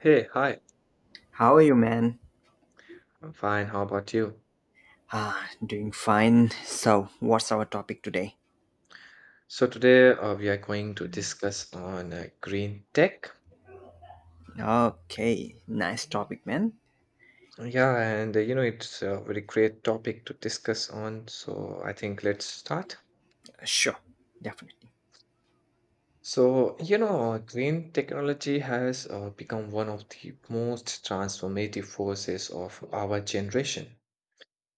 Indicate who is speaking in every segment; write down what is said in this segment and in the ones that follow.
Speaker 1: Hey, hi.
Speaker 2: How are you, man?
Speaker 1: I'm fine. How about you?
Speaker 2: Ah, doing fine. So, what's our topic today?
Speaker 1: So today we are going to discuss on green tech.
Speaker 2: Okay, nice topic, man.
Speaker 1: Yeah, and you know it's a very great topic to discuss on. So I think let's start.
Speaker 2: Sure, definitely.
Speaker 1: So you know, green technology has become one of the most transformative forces of our generation.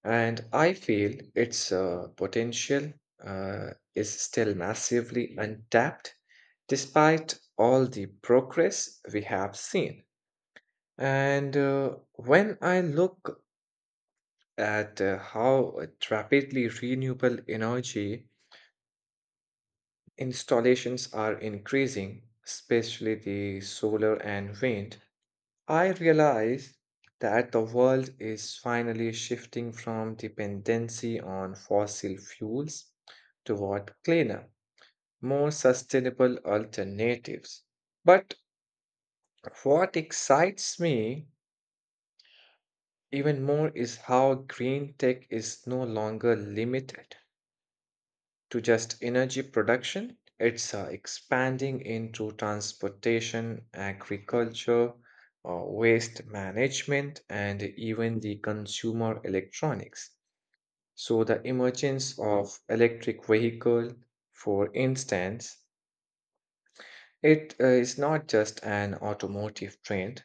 Speaker 1: And I feel its potential is still massively untapped despite all the progress we have seen. And when I look at how rapidly renewable energy installations are increasing, especially the solar and wind, I realize that the world is finally shifting from dependency on fossil fuels toward cleaner, more sustainable alternatives. But what excites me even more is how green tech is no longer limited to just energy production. It's expanding into transportation, agriculture, waste management, and even the consumer electronics. So the emergence of electric vehicle, for instance, it is not just an automotive trend.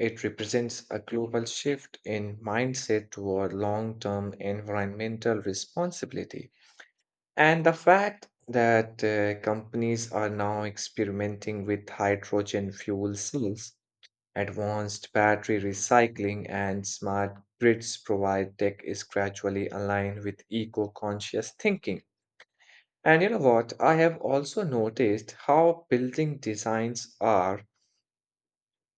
Speaker 1: It represents a global shift in mindset toward long term environmental responsibility. And the fact that companies are now experimenting with hydrogen fuel cells, advanced battery recycling, and smart grids provide tech is gradually aligned with eco conscious thinking. And you know what? I have also noticed how building designs are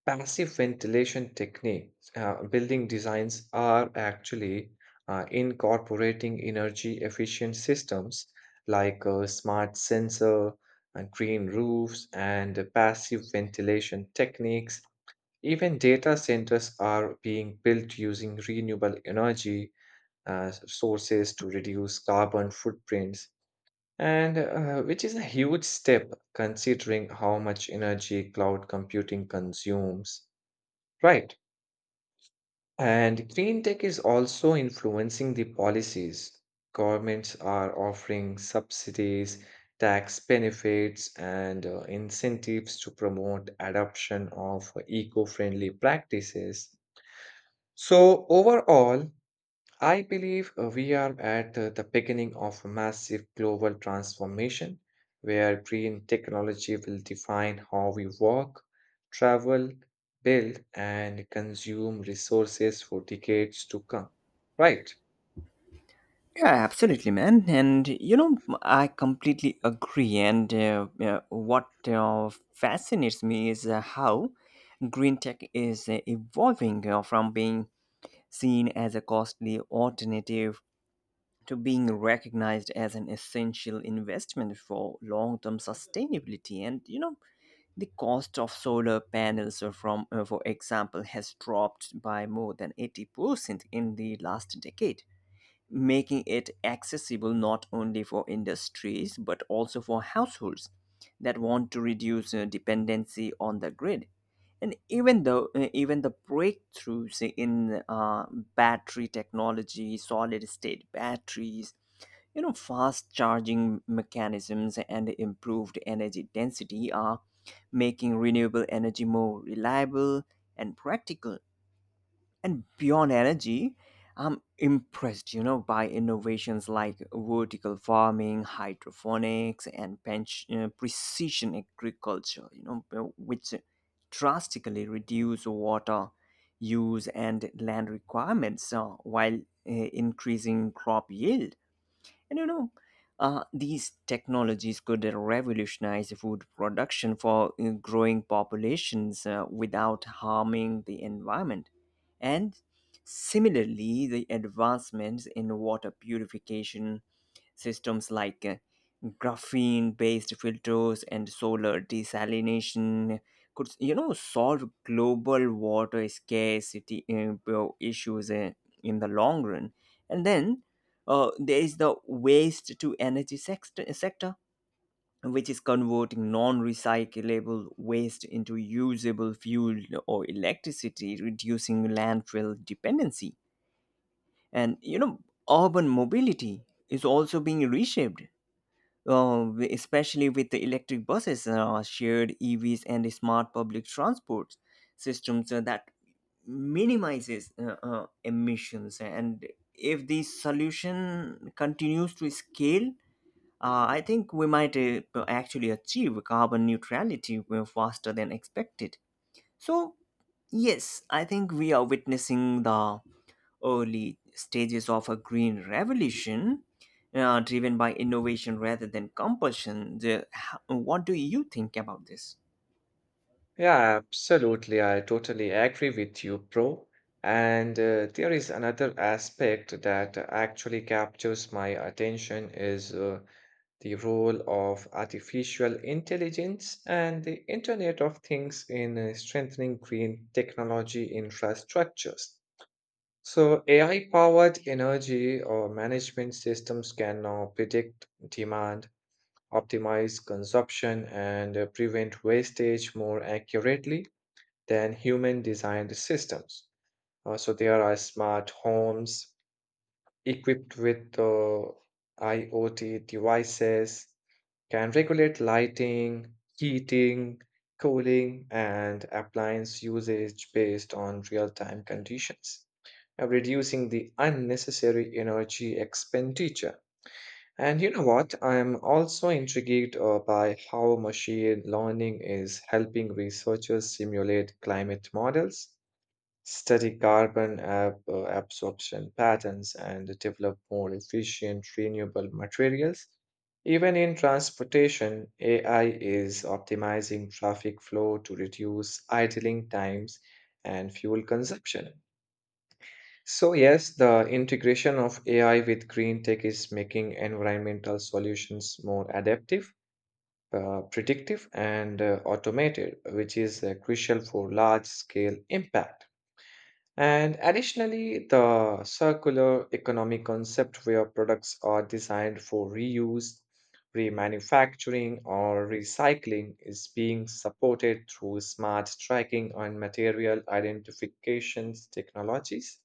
Speaker 1: passive ventilation techniques, building designs are actually incorporating energy efficient systems like a smart sensor and green roofs and passive ventilation techniques. Even data centers are being built using renewable energy sources to reduce carbon footprints, and which is a huge step considering how much energy cloud computing consumes. Right. And green tech is also influencing the policies. Governments are offering subsidies, tax benefits, and incentives to promote adoption of eco friendly practices. So, overall, I believe we are at the beginning of a massive global transformation where green technology will define how we work, travel, build, and consume resources for decades to come. Right.
Speaker 2: Yeah, absolutely, man. And you know, I completely agree. And what fascinates me is how green tech is evolving from being seen as a costly alternative to being recognized as an essential investment for long-term sustainability. And you know, the cost of solar panels, from, for example, has dropped by more than 80% in the last decade, making it accessible not only for industries but also for households that want to reduce dependency on the grid. And even though even the breakthroughs in battery technology, solid state batteries, you know, fast charging mechanisms and improved energy density are making renewable energy more reliable and practical. And beyond energy, I'm impressed, you know, by innovations like vertical farming, hydroponics, and precision agriculture, which drastically reduce water use and land requirements while increasing crop yield. And these technologies could revolutionize food production for growing populations without harming the environment. And similarly, the advancements in water purification systems like graphene based filters and solar desalination could, you know, solve global water scarcity well, issues in the long run. And then there is the waste to energy sector which is converting non-recyclable waste into usable fuel or electricity, reducing landfill dependency. And you know, urban mobility is also being reshaped, especially with the electric buses, shared EVs, and the smart public transport systems that minimizes emissions. And if this solution continues to scale, I think we might actually achieve carbon neutrality faster than expected. So, yes, I think we are witnessing the early stages of a green revolution driven by innovation rather than compulsion. What do you think about this?
Speaker 1: Yeah, absolutely. I totally agree with you, bro. And there is another aspect that actually captures my attention is the role of artificial intelligence and the Internet of Things in strengthening green technology infrastructures. So AI powered energy or management systems can now predict demand, optimize consumption, and prevent wastage more accurately than human designed systems. So there are smart homes, equipped with IoT devices can regulate lighting, heating, cooling, and appliance usage based on real time conditions, reducing the unnecessary energy expenditure. And you know what? I am also intrigued by how machine learning is helping researchers simulate climate models, study carbon absorption patterns, and develop more efficient renewable materials. Even in transportation, AI is optimizing traffic flow to reduce idling times and fuel consumption. So, yes, the integration of AI with green tech is making environmental solutions more adaptive, predictive, and automated, which is crucial for large scale impact. And additionally, the circular economy concept where products are designed for reuse, remanufacturing, or recycling is being supported through smart tracking and material identifications technologies.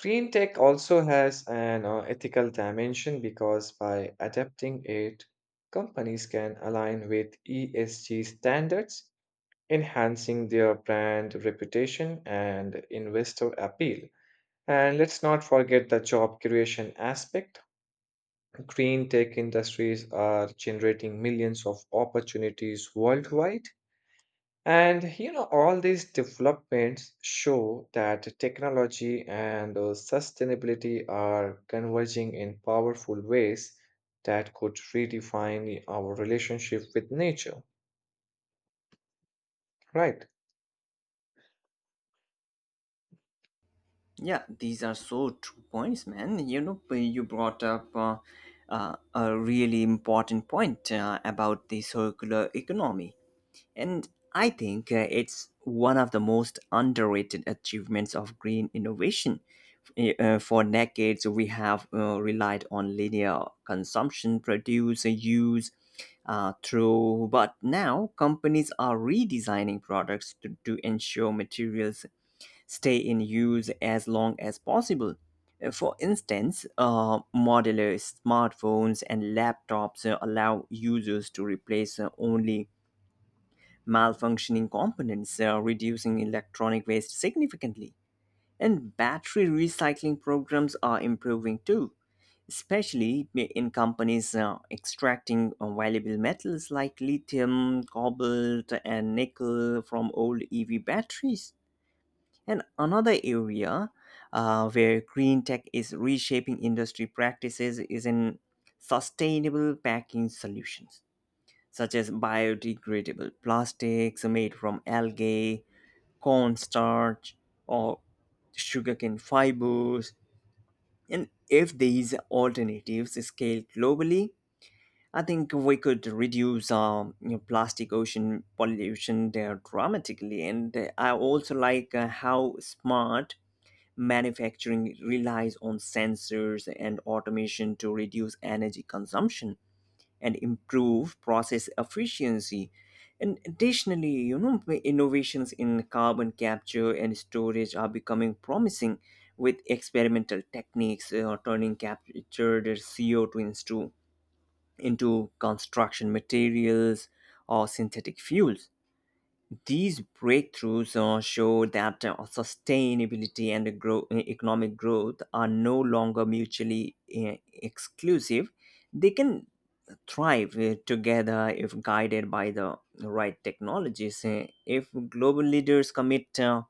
Speaker 1: Green tech also has an ethical dimension because by adapting it, companies can align with ESG standards enhancing their brand reputation and investor appeal. And let's not forget the job creation aspect. Green tech industries are generating millions of opportunities worldwide. And you know, all these developments show that technology and sustainability are converging in powerful ways that could redefine our relationship with nature, right?
Speaker 2: Yeah, these are so true points, man. You know, you brought up a really important point about the circular economy. And I think it's one of the most underrated achievements of green innovation. For decades, we have relied on linear consumption, produce, use, through. But now companies are redesigning products to ensure materials stay in use as long as possible. For instance, modular smartphones and laptops allow users to replace only malfunctioning components, reducing electronic waste significantly. And battery recycling programs are improving too, especially in companies extracting valuable metals like lithium, cobalt, and nickel from old EV batteries. And another area where green tech is reshaping industry practices is in sustainable packing solutions such as biodegradable plastics made from algae, cornstarch, or sugarcane fibers. And if these alternatives scale globally, I think we could reduce you know, plastic ocean pollution there dramatically. And I also like how smart manufacturing relies on sensors and automation to reduce energy consumption and improve process efficiency. And additionally, you know, innovations in carbon capture and storage are becoming promising with experimental techniques, turning captured CO2 into construction materials or synthetic fuels. These breakthroughs show that sustainability and economic growth are no longer mutually exclusive. They can thrive together if guided by the right technologies. If global leaders commit uh,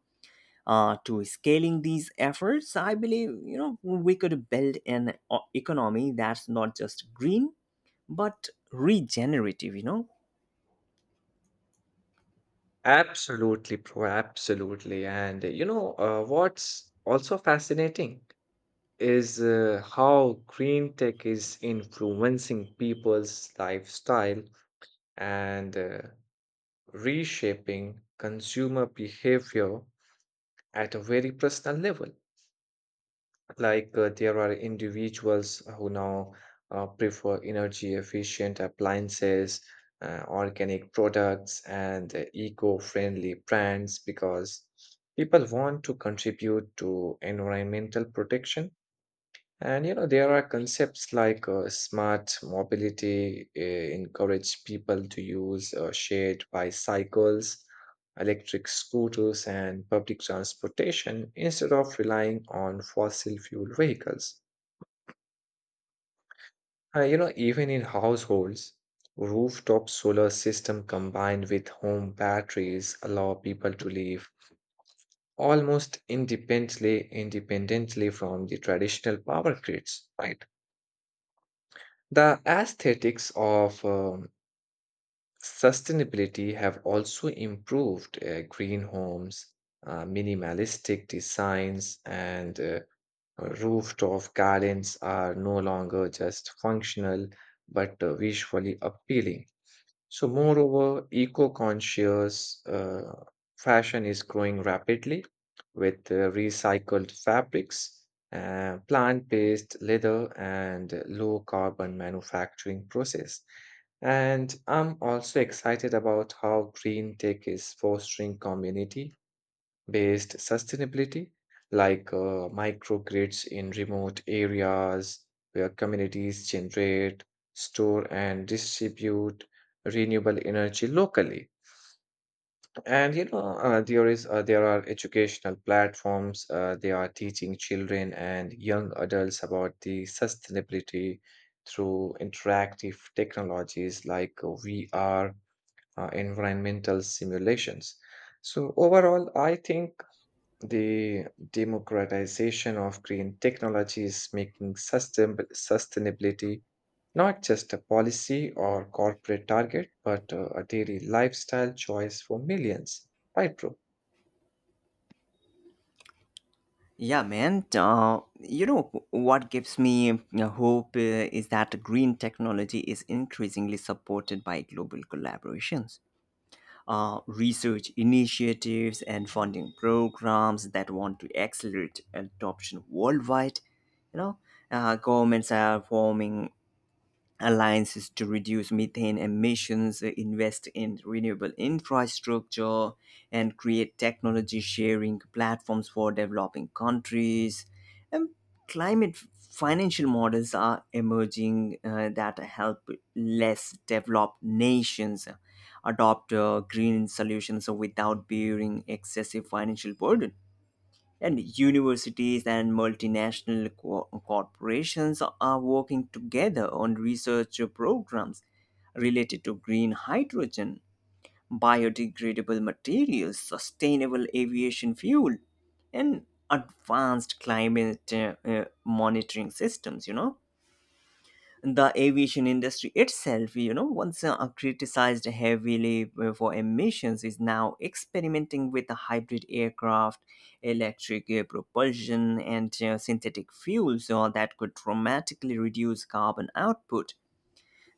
Speaker 2: uh, to scaling these efforts, I believe, you know, we could build an economy that's not just green but regenerative, you know.
Speaker 1: Absolutely, bro. Absolutely. And you know, what's also fascinating is how green tech is influencing people's lifestyle and reshaping consumer behavior at a very personal level. Like there are individuals who now prefer energy efficient appliances, organic products, and eco-friendly brands because people want to contribute to environmental protection. And you know, there are concepts like smart mobility encourage people to use shared bicycles, electric scooters, and public transportation instead of relying on fossil fuel vehicles. You know, even in households, rooftop solar system combined with home batteries allow people to live almost independently from the traditional power grids, right? The aesthetics of sustainability have also improved. Green homes, minimalistic designs, and rooftop gardens are no longer just functional but visually appealing. So, moreover, eco-conscious fashion is growing rapidly with recycled fabrics, plant-based leather, and low-carbon manufacturing process. And I'm also excited about how green tech is fostering community based sustainability, like microgrids in remote areas where communities generate, store, and distribute renewable energy locally. And you know, there are educational platforms. They are teaching children and young adults about the sustainability through interactive technologies like VR, environmental simulations. So overall, I think the democratization of green technology is making sustainability not just a policy or corporate target, but a daily lifestyle choice for millions. Right, bro?
Speaker 2: Yeah, man. You know what gives me hope is that green technology is increasingly supported by global collaborations, research initiatives and funding programs that want to accelerate adoption worldwide. You know, governments are forming alliances to reduce methane emissions, invest in renewable infrastructure, and create technology sharing platforms for developing countries. And climate financial models are emerging that help less developed nations adopt green solutions without bearing excessive financial burden. And universities and multinational corporations are working together on research programs related to green hydrogen, biodegradable materials, sustainable aviation fuel, and advanced climate monitoring systems. You know, the aviation industry itself, you know, once criticized heavily for emissions, is now experimenting with the hybrid aircraft, electric propulsion, and synthetic fuels that could dramatically reduce carbon output.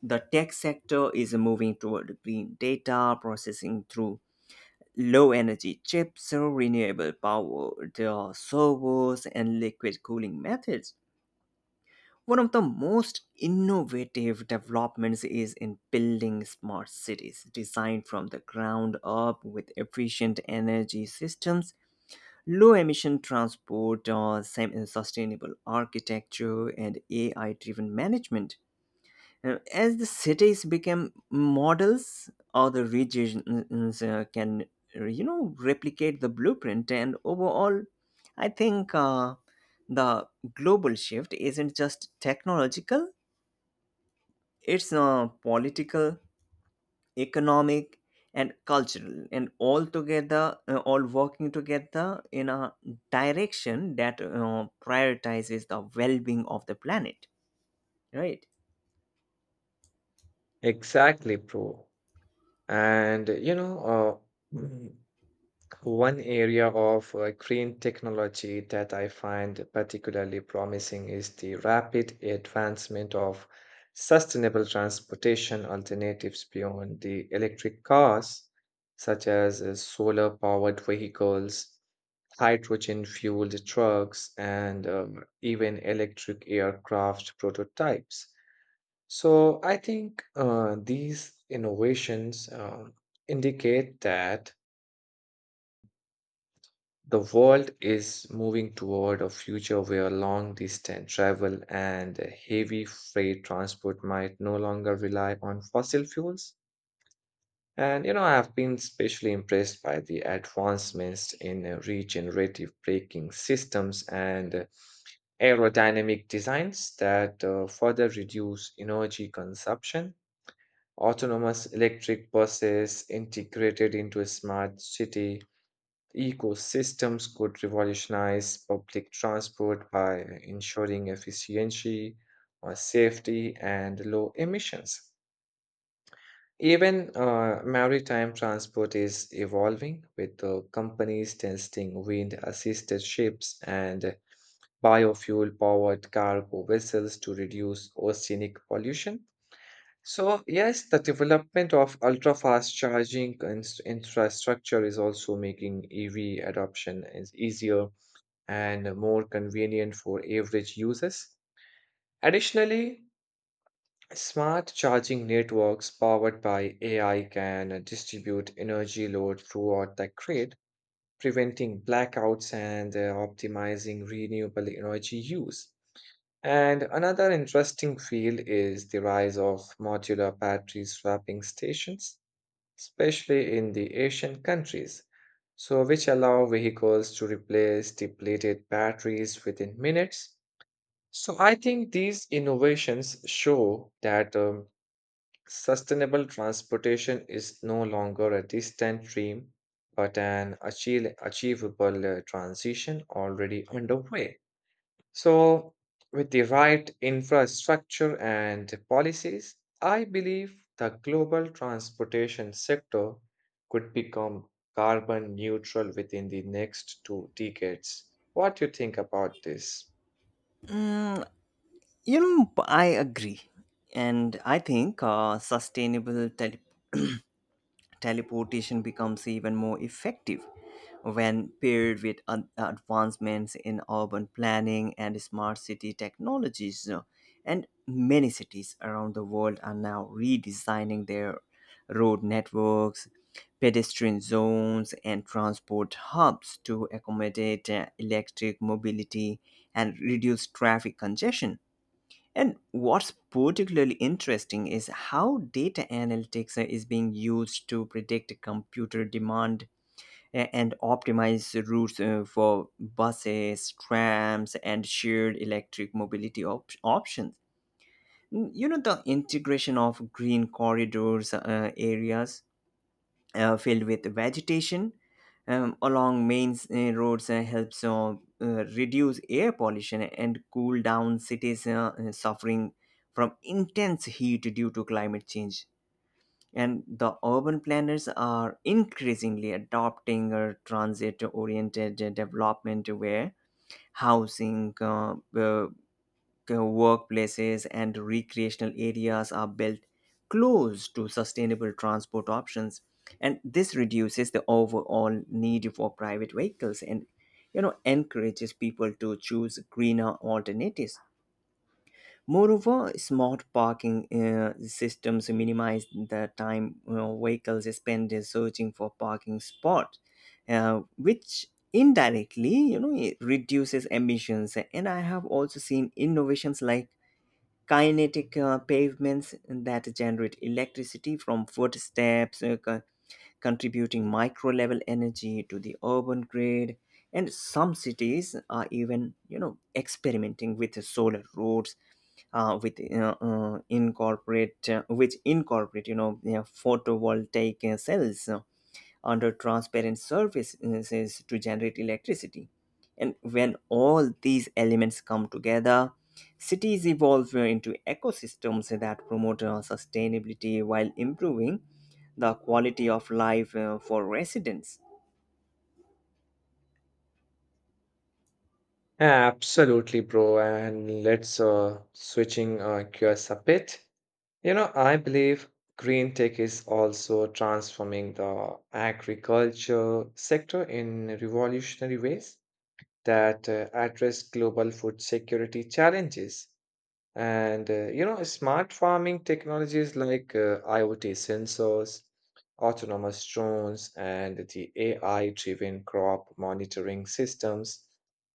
Speaker 2: The tech sector is moving toward green data processing through low energy chips, renewable power, the servers, and liquid cooling methods. One of the most innovative developments is in building smart cities designed from the ground up with efficient energy systems, low emission transport, sustainable architecture, and AI driven management. As the cities become models, other regions you know, replicate the blueprint. And overall, I think the global shift isn't just technological, it's political, economic, and cultural, and all together, all working together in a direction that prioritizes the well-being of the planet. Right?
Speaker 1: Exactly, bro. And you know, one area of green technology that I find particularly promising is the rapid advancement of sustainable transportation alternatives beyond the electric cars, such as solar powered vehicles, hydrogen fueled trucks, and even electric aircraft prototypes. So I think these innovations indicate that the world is moving toward a future where long distance travel and heavy freight transport might no longer rely on fossil fuels. And you know, I've been especially impressed by the advancements in regenerative braking systems and aerodynamic designs that further reduce energy consumption. Autonomous electric buses integrated into a smart city ecosystems could revolutionize public transport by ensuring efficiency, safety, and low emissions. Even maritime transport is evolving, with companies testing wind assisted ships and biofuel powered cargo vessels to reduce oceanic pollution. So, yes, the development of ultra fast charging infrastructure is also making EV adoption is easier and more convenient for average users. Additionally, smart charging networks powered by AI can distribute energy load throughout the grid, preventing blackouts and optimizing renewable energy use. And another interesting field is the rise of modular battery swapping stations, especially in the Asian countries. So, which allow vehicles to replace depleted batteries within minutes. So I think these innovations show that sustainable transportation is no longer a distant dream, but an achievable transition already underway. So with the right infrastructure and policies, I believe the global transportation sector could become carbon neutral within the next 2 decades. What do you think about this?
Speaker 2: Mm, you know, I agree, and I think sustainable teleportation becomes even more effective when paired with advancements in urban planning and smart city technologies, you know. And many cities around the world are now redesigning their road networks, pedestrian zones, and transport hubs to accommodate electric mobility and reduce traffic congestion. And what's particularly interesting is how data analytics is being used to predict computer demand and optimize routes for buses, trams, and shared electric mobility options. You know, the integration of green corridors, areas filled with vegetation along main roads helps reduce air pollution and cool down cities suffering from intense heat due to climate change. And the urban planners are increasingly adopting a transit oriented development where housing, workplaces and recreational areas are built close to sustainable transport options, and this reduces the overall need for private vehicles and, you know, encourages people to choose greener alternatives. Moreover, smart parking systems minimize the time, you know, vehicles spend in searching for parking spot, which indirectly, you know, it reduces emissions. And I have also seen innovations like kinetic pavements that generate electricity from footsteps, contributing micro level energy to the urban grid. And some cities are even, you know, experimenting with solar roads, with incorporate which incorporate, you know, photovoltaic cells under transparent surfaces to generate electricity. And when all these elements come together, cities evolve into ecosystems that promote sustainability while improving the quality of life for residents.
Speaker 1: Absolutely, bro. And let's switching gears a bit. You know, I believe green tech is also transforming the agriculture sector in revolutionary ways that address global food security challenges. And you know, smart farming technologies like IoT sensors, autonomous drones, and the AI-driven crop monitoring systems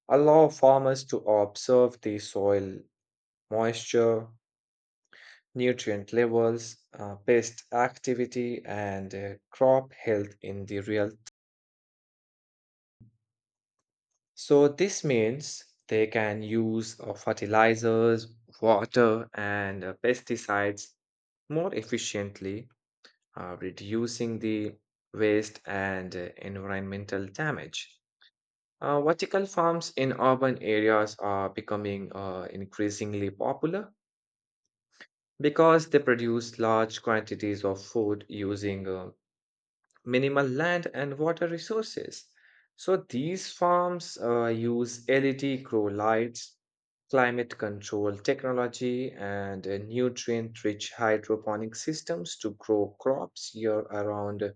Speaker 1: allow farmers to observe the soil moisture, nutrient levels, pest activity, and crop health in the real. So this means they can use fertilizers, water, and pesticides more efficiently, reducing the waste and environmental damage. Vertical farms in urban areas are becoming increasingly popular because they produce large quantities of food using minimal land and water resources. So these farms use LED grow lights, climate control technology, and nutrient rich hydroponic systems to grow crops year around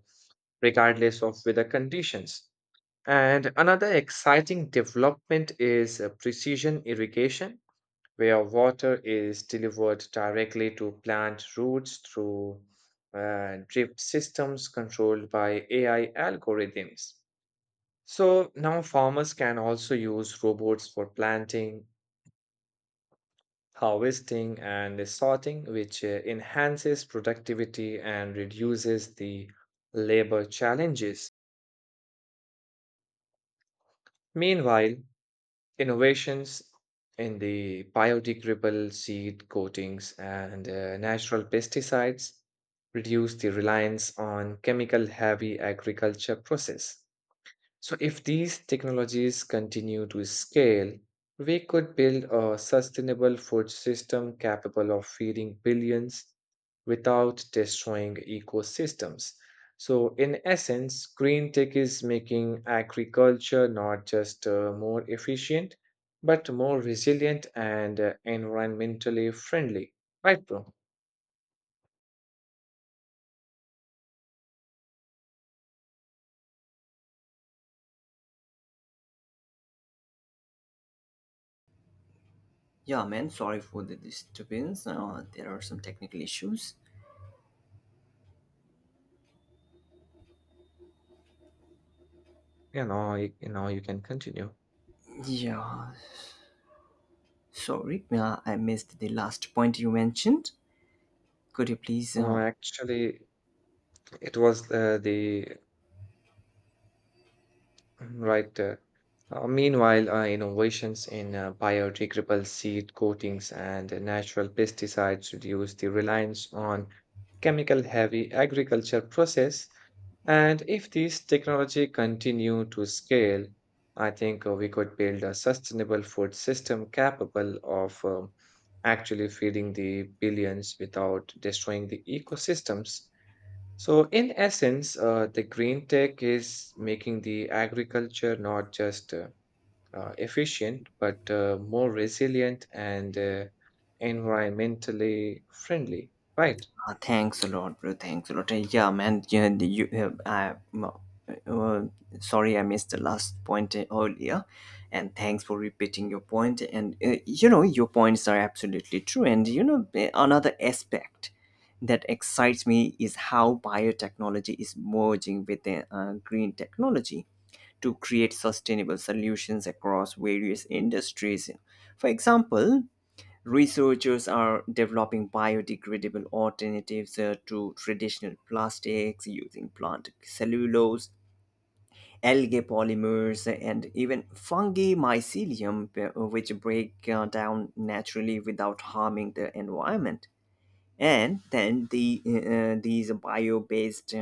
Speaker 1: regardless of weather conditions. And another exciting development is precision irrigation, where water is delivered directly to plant roots through drip systems controlled by AI algorithms. So now farmers can also use robots for planting, harvesting, and sorting, which enhances productivity and reduces the labor challenges. Meanwhile, innovations in the biodegradable seed coatings and natural pesticides reduce the reliance on chemical heavy agriculture process. So, if these technologies continue to scale, we could build a sustainable food system capable of feeding billions without destroying ecosystems. So, in essence, green tech is making agriculture not just more efficient, but more resilient and environmentally friendly. Right, bro?
Speaker 2: Yeah, man, sorry for the disturbance. There are some technical issues.
Speaker 1: You know, you can continue.
Speaker 2: Yeah, sorry, I missed the last point you mentioned. Could you please
Speaker 1: Oh, actually, it was the Right. Meanwhile, innovations in biodegradable seed coatings and natural pesticides reduce the reliance on chemical-heavy agriculture process. And if these technology continue to scale, I think we could build a sustainable food system capable of actually feeding the billions without destroying the ecosystems. So, in essence, the green tech is making the agriculture not just efficient, but more resilient and environmentally friendly, right?
Speaker 2: Thanks a lot, bro. Thanks a lot. Yeah, man. Yeah, uh, uh, sorry, I missed the last point earlier, and thanks for repeating your point. And you know, your points are absolutely true. And you know, another aspect that excites me is how biotechnology is merging with green technology to create sustainable solutions across various industries. For example, researchers are developing biodegradable alternatives to traditional plastics using plant cellulose, algae polymers, and even fungi mycelium, which break down naturally without harming the environment. And these bio based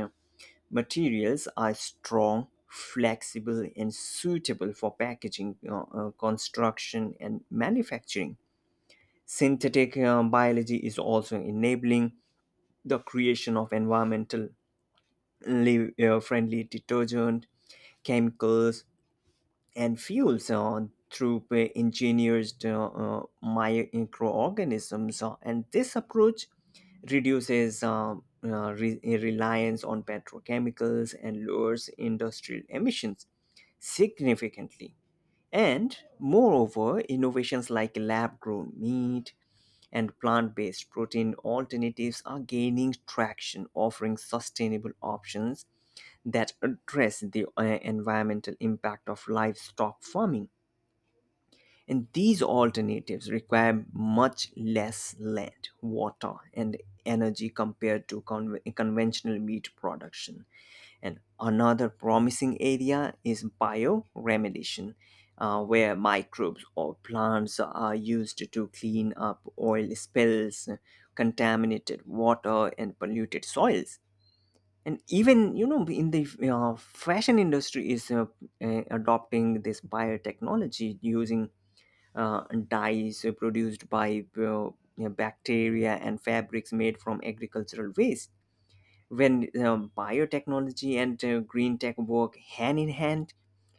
Speaker 2: materials are strong, flexible, and suitable for packaging, construction, and manufacturing. Synthetic biology is also enabling the creation of environmentally friendly detergent, chemicals, and fuels through engineered microorganisms. And this approach reduces reliance on petrochemicals and lowers industrial emissions significantly. And moreover, innovations like lab grown meat and plant based protein alternatives are gaining traction, offering sustainable options that address the environmental impact of livestock farming. And these alternatives require much less land, water, and energy compared to conventional meat production. And another promising area is bioremediation, where microbes or plants are used to clean up oil spills, contaminated water, and polluted soils. And even, you know, in the fashion industry, is adopting this biotechnology using dyes produced by bacteria and fabrics made from agricultural waste. When biotechnology and green tech work hand in hand,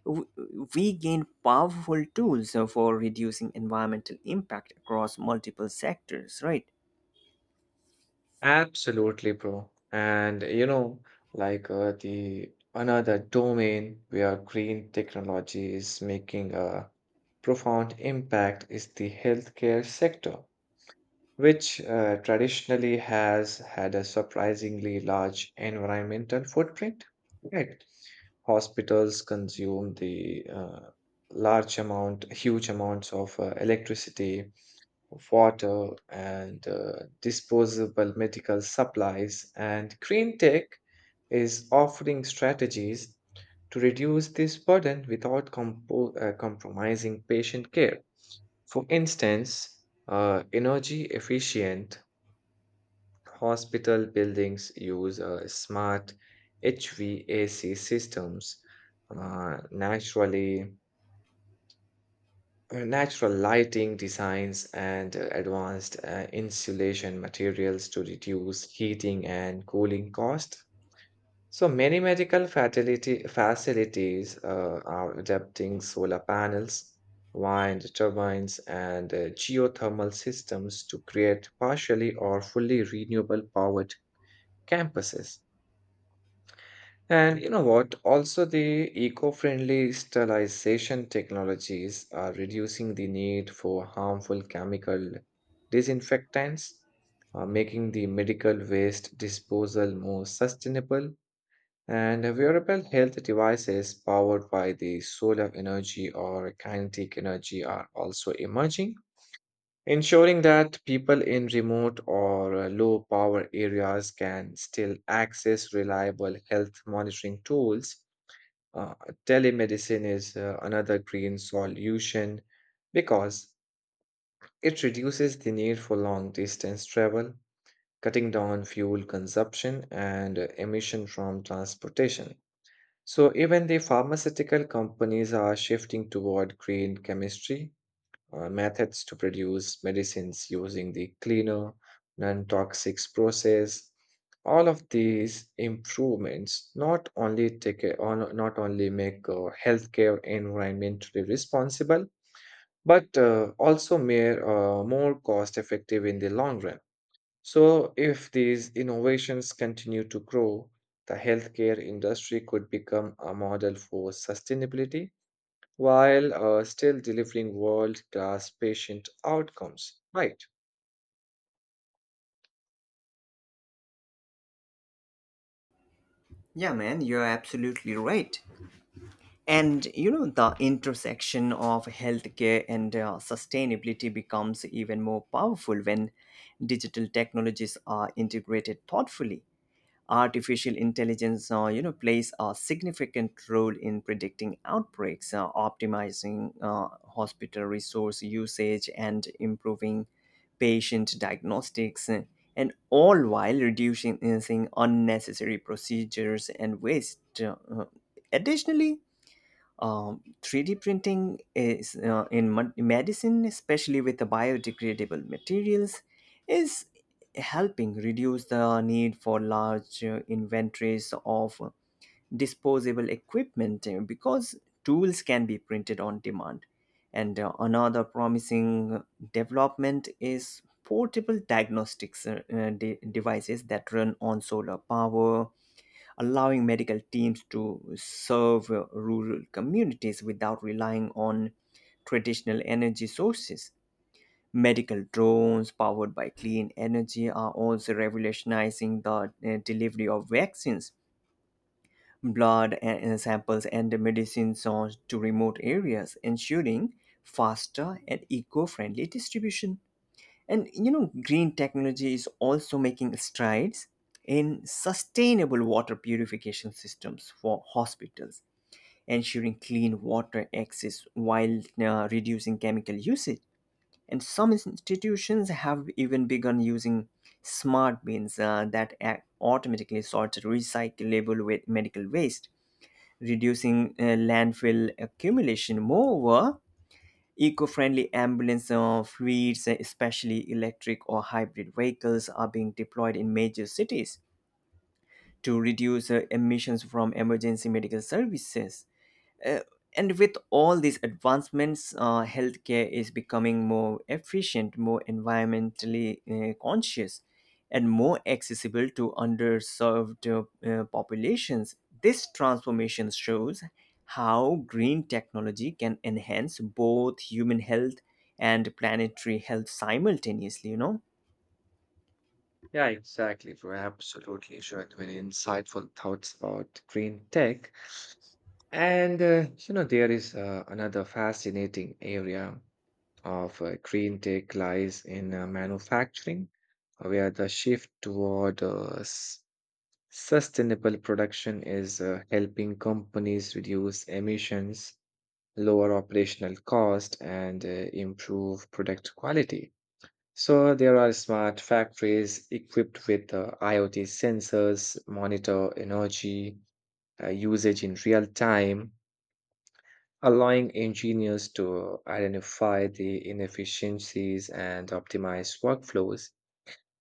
Speaker 2: w- we gain powerful tools for reducing environmental impact across multiple sectors, right?
Speaker 1: Absolutely, bro. And you know, like the another domain where green technology is making a profound impact is the healthcare sector, which traditionally has had a surprisingly large environmental footprint. Right. Hospitals consume the huge amounts of electricity, water, and disposable medical supplies. And green tech is offering strategies to reduce this burden without compromising patient care. For instance, energy efficient hospital buildings use smart HVAC systems, uh, naturally natural lighting designs, and advanced insulation materials to reduce heating and cooling cost. So many medical fatality facilities are adapting solar panels, wind turbines, and geothermal systems to create partially or fully renewable powered campuses. And you know what? Also, the eco-friendly sterilization technologies are reducing the need for harmful chemical disinfectants, making the medical waste disposal more sustainable. And wearable health devices powered by the solar energy or kinetic energy are also emerging, ensuring that people in remote or low power areas can still access reliable health monitoring tools. uh, Telemedicine is another green solution because it reduces the need for long distance travel, cutting down fuel consumption and emission from transportation. So, even the pharmaceutical companies are shifting toward green chemistry methods to produce medicines using the cleaner, non toxic process. All of these improvements not only take a, on- not only make healthcare environmentally responsible, but also more cost effective in the long run. So, if these innovations continue to grow, the healthcare industry could become a model for sustainability while still delivering world class patient outcomes, right?
Speaker 2: Yeah, man, you're absolutely right. And you know, the intersection of healthcare and sustainability becomes even more powerful when digital technologies are integrated thoughtfully. Artificial intelligence, you know, plays a significant role in predicting outbreaks, optimizing hospital resource usage and improving patient diagnostics, and all while reducing unnecessary procedures and waste. Additionally, 3D printing is in medicine, especially with the biodegradable materials, is helping reduce the need for large inventories of disposable equipment because tools can be printed on demand. And another promising development is portable diagnostics devices that run on solar power, allowing medical teams to serve rural communities without relying on traditional energy sources. Medical drones powered by clean energy are also revolutionizing the delivery of vaccines, blood samples, and medicines to remote areas, ensuring faster and eco friendly distribution. And you know, green technology is also making strides in sustainable water purification systems for hospitals, ensuring clean water access while reducing chemical usage. And some institutions have even begun using smart bins that automatically sort recyclable medical waste, reducing landfill accumulation. Moreover, eco-friendly ambulance fleets, especially electric or hybrid vehicles, are being deployed in major cities to reduce emissions from emergency medical services. Uh, and with all these advancements, healthcare is becoming more efficient, more environmentally conscious, and more accessible to underserved populations. This transformation shows how green technology can enhance both human health and planetary health simultaneously, you know?
Speaker 1: Yeah, exactly, bro. Absolutely sure. Very insightful thoughts about green tech. And, you know, there is another fascinating area of green tech lies in manufacturing, where the shift toward sustainable production is helping companies reduce emissions, lower operational cost, and improve product quality. So there are smart factories equipped with IoT sensors, monitor energy usage in real time, allowing engineers to identify the inefficiencies and optimize workflows.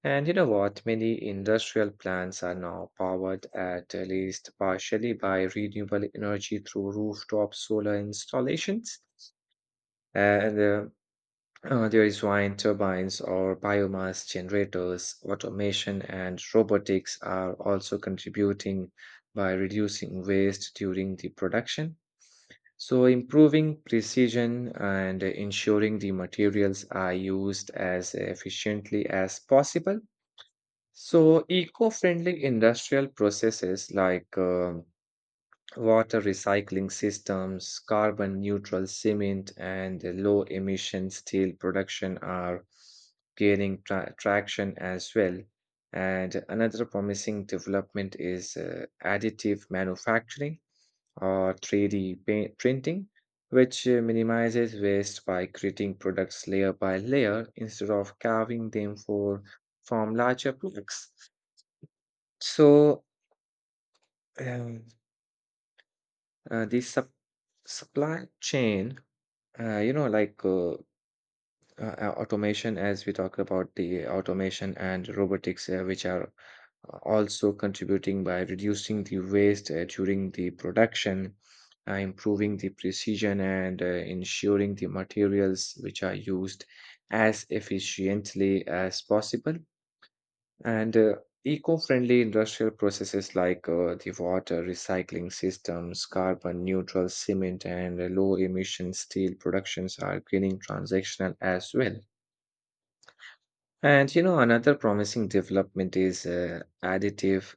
Speaker 1: And you know what? Many industrial plants are now powered at least partially by renewable energy through rooftop solar installations. And there is wind turbines or biomass generators. Automation and robotics are also contributing by reducing waste during the production. So, improving precision and ensuring the materials are used as efficiently as possible. So, eco-friendly industrial processes like water recycling systems, carbon neutral cement, and low emission steel production are gaining traction as well. And another promising development is additive manufacturing or 3D printing, which minimizes waste by creating products layer by layer instead of carving them for from larger blocks. So, um, the supply chain, uh, you know, like uh, uh, automation, as we talk about the automation and robotics, which are also contributing by reducing the waste during the production, improving the precision, and ensuring the materials which are used as efficiently as possible. And eco-friendly industrial processes like the water recycling systems, carbon neutral cement, and low emission steel productions are gaining transactional as well. And you know, another promising development is additive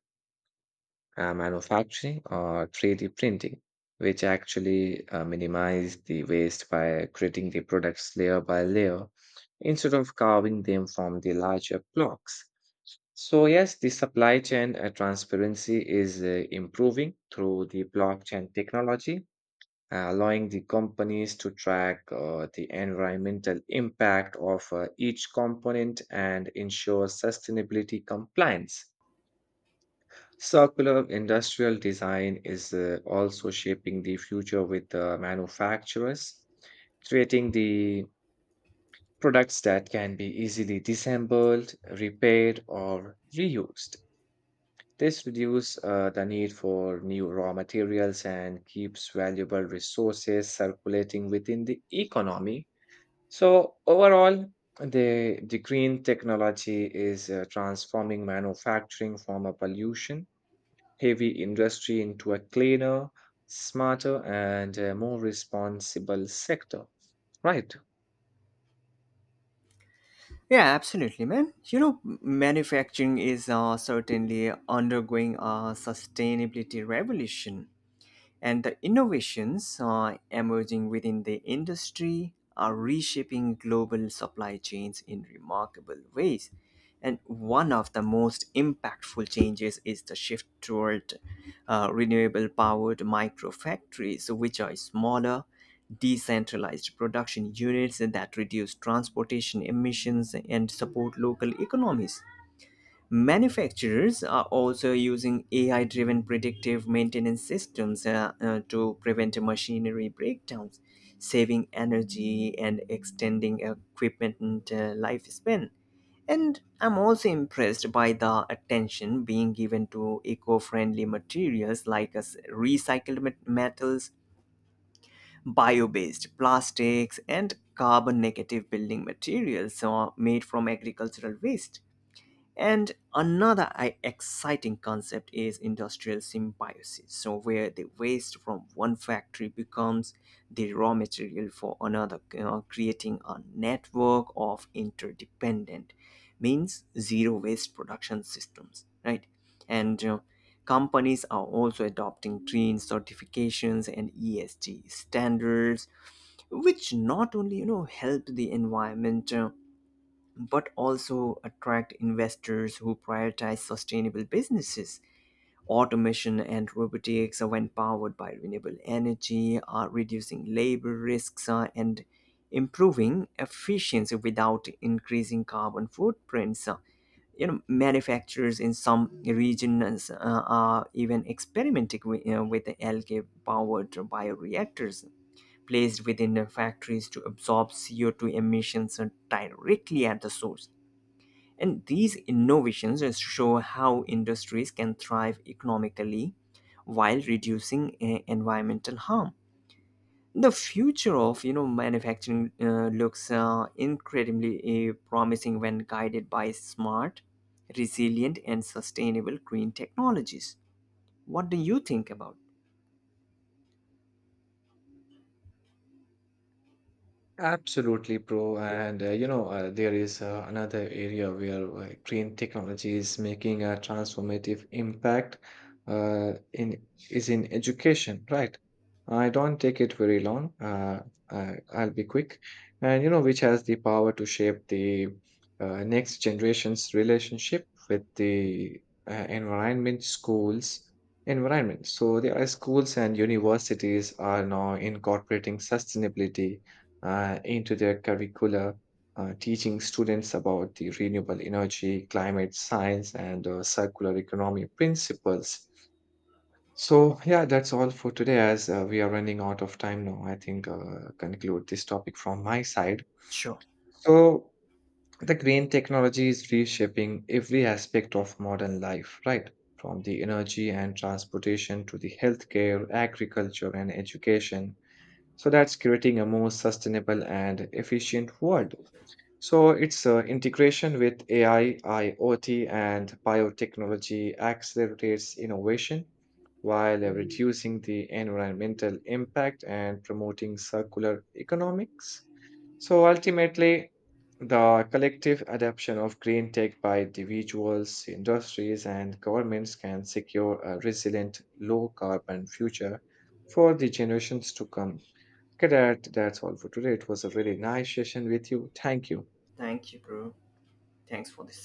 Speaker 1: manufacturing or 3D printing, which actually minimize the waste by creating the products layer by layer instead of carving them from the larger blocks. So, yes, the supply chain transparency is improving through the blockchain technology, allowing the companies to track the environmental impact of each component and ensure sustainability compliance. Circular industrial design is also shaping the future with manufacturers, creating the products that can be easily disassembled, repaired, or reused. This reduces the need for new raw materials and keeps valuable resources circulating within the economy. So, overall, the green technology is transforming manufacturing from a pollution heavy industry into a cleaner, smarter, and more responsible sector. Right.
Speaker 2: Yeah, absolutely, man. You know, manufacturing is certainly undergoing a sustainability revolution and the innovations emerging within the industry are reshaping global supply chains in remarkable ways. And one of the most impactful changes is the shift toward renewable powered microfactories, which are smaller, decentralized production units that reduce transportation emissions and support local economies. Manufacturers are also using AI driven predictive maintenance systems to prevent machinery breakdowns, saving energy and extending equipment lifespan. And I'm also impressed by the attention being given to eco friendly materials like recycled metals, bio based plastics, and carbon negative building materials made from agricultural waste. And another exciting concept is industrial symbiosis, so where the waste from one factory becomes the raw material for another, creating a network of interdependent, means zero waste production systems, right? And companies are also adopting green certifications and ESG standards, which not only, you know, help the environment, but also attract investors who prioritize sustainable businesses. Automation and robotics, when powered by renewable energy, are reducing labor risks and improving efficiency without increasing carbon footprints. You know, manufacturers in some regions are even experimenting with, you know, with algae-powered bioreactors placed within the factories to absorb CO2 emissions directly at the source. And these innovations show how industries can thrive economically while reducing environmental harm. The future of, you know, manufacturing looks incredibly promising when guided by smart, resilient, and sustainable green technologies. What do you think about?
Speaker 1: Absolutely, bro. And you know, there is another area where green technology is making a transformative impact in is in education, right? I don't take it very long. I'll be quick. And you know, which has the power to shape the next generation's relationship with the uh, environment, schools, environment. So there are schools and universities are now incorporating sustainability into their curricula, teaching students about the renewable energy, climate science, and circular economy principles. So, yeah, that's all for today as we are running out of time now. I think conclude this topic from my side.
Speaker 2: Sure.
Speaker 1: So, the green technology is reshaping every aspect of modern life, right? From the energy and transportation to the healthcare, agriculture, and education. So that's creating a more sustainable and efficient world. So its integration with AI, IoT, and biotechnology accelerates innovation while reducing the environmental impact and promoting circular economics. So ultimately, the collective adoption of green tech by individuals, industries, and governments can secure a resilient, low carbon future for the generations to come. Cadet, that's all for today. It was a really nice session with you. Thank you.
Speaker 2: Thank you, bro. Thanks for this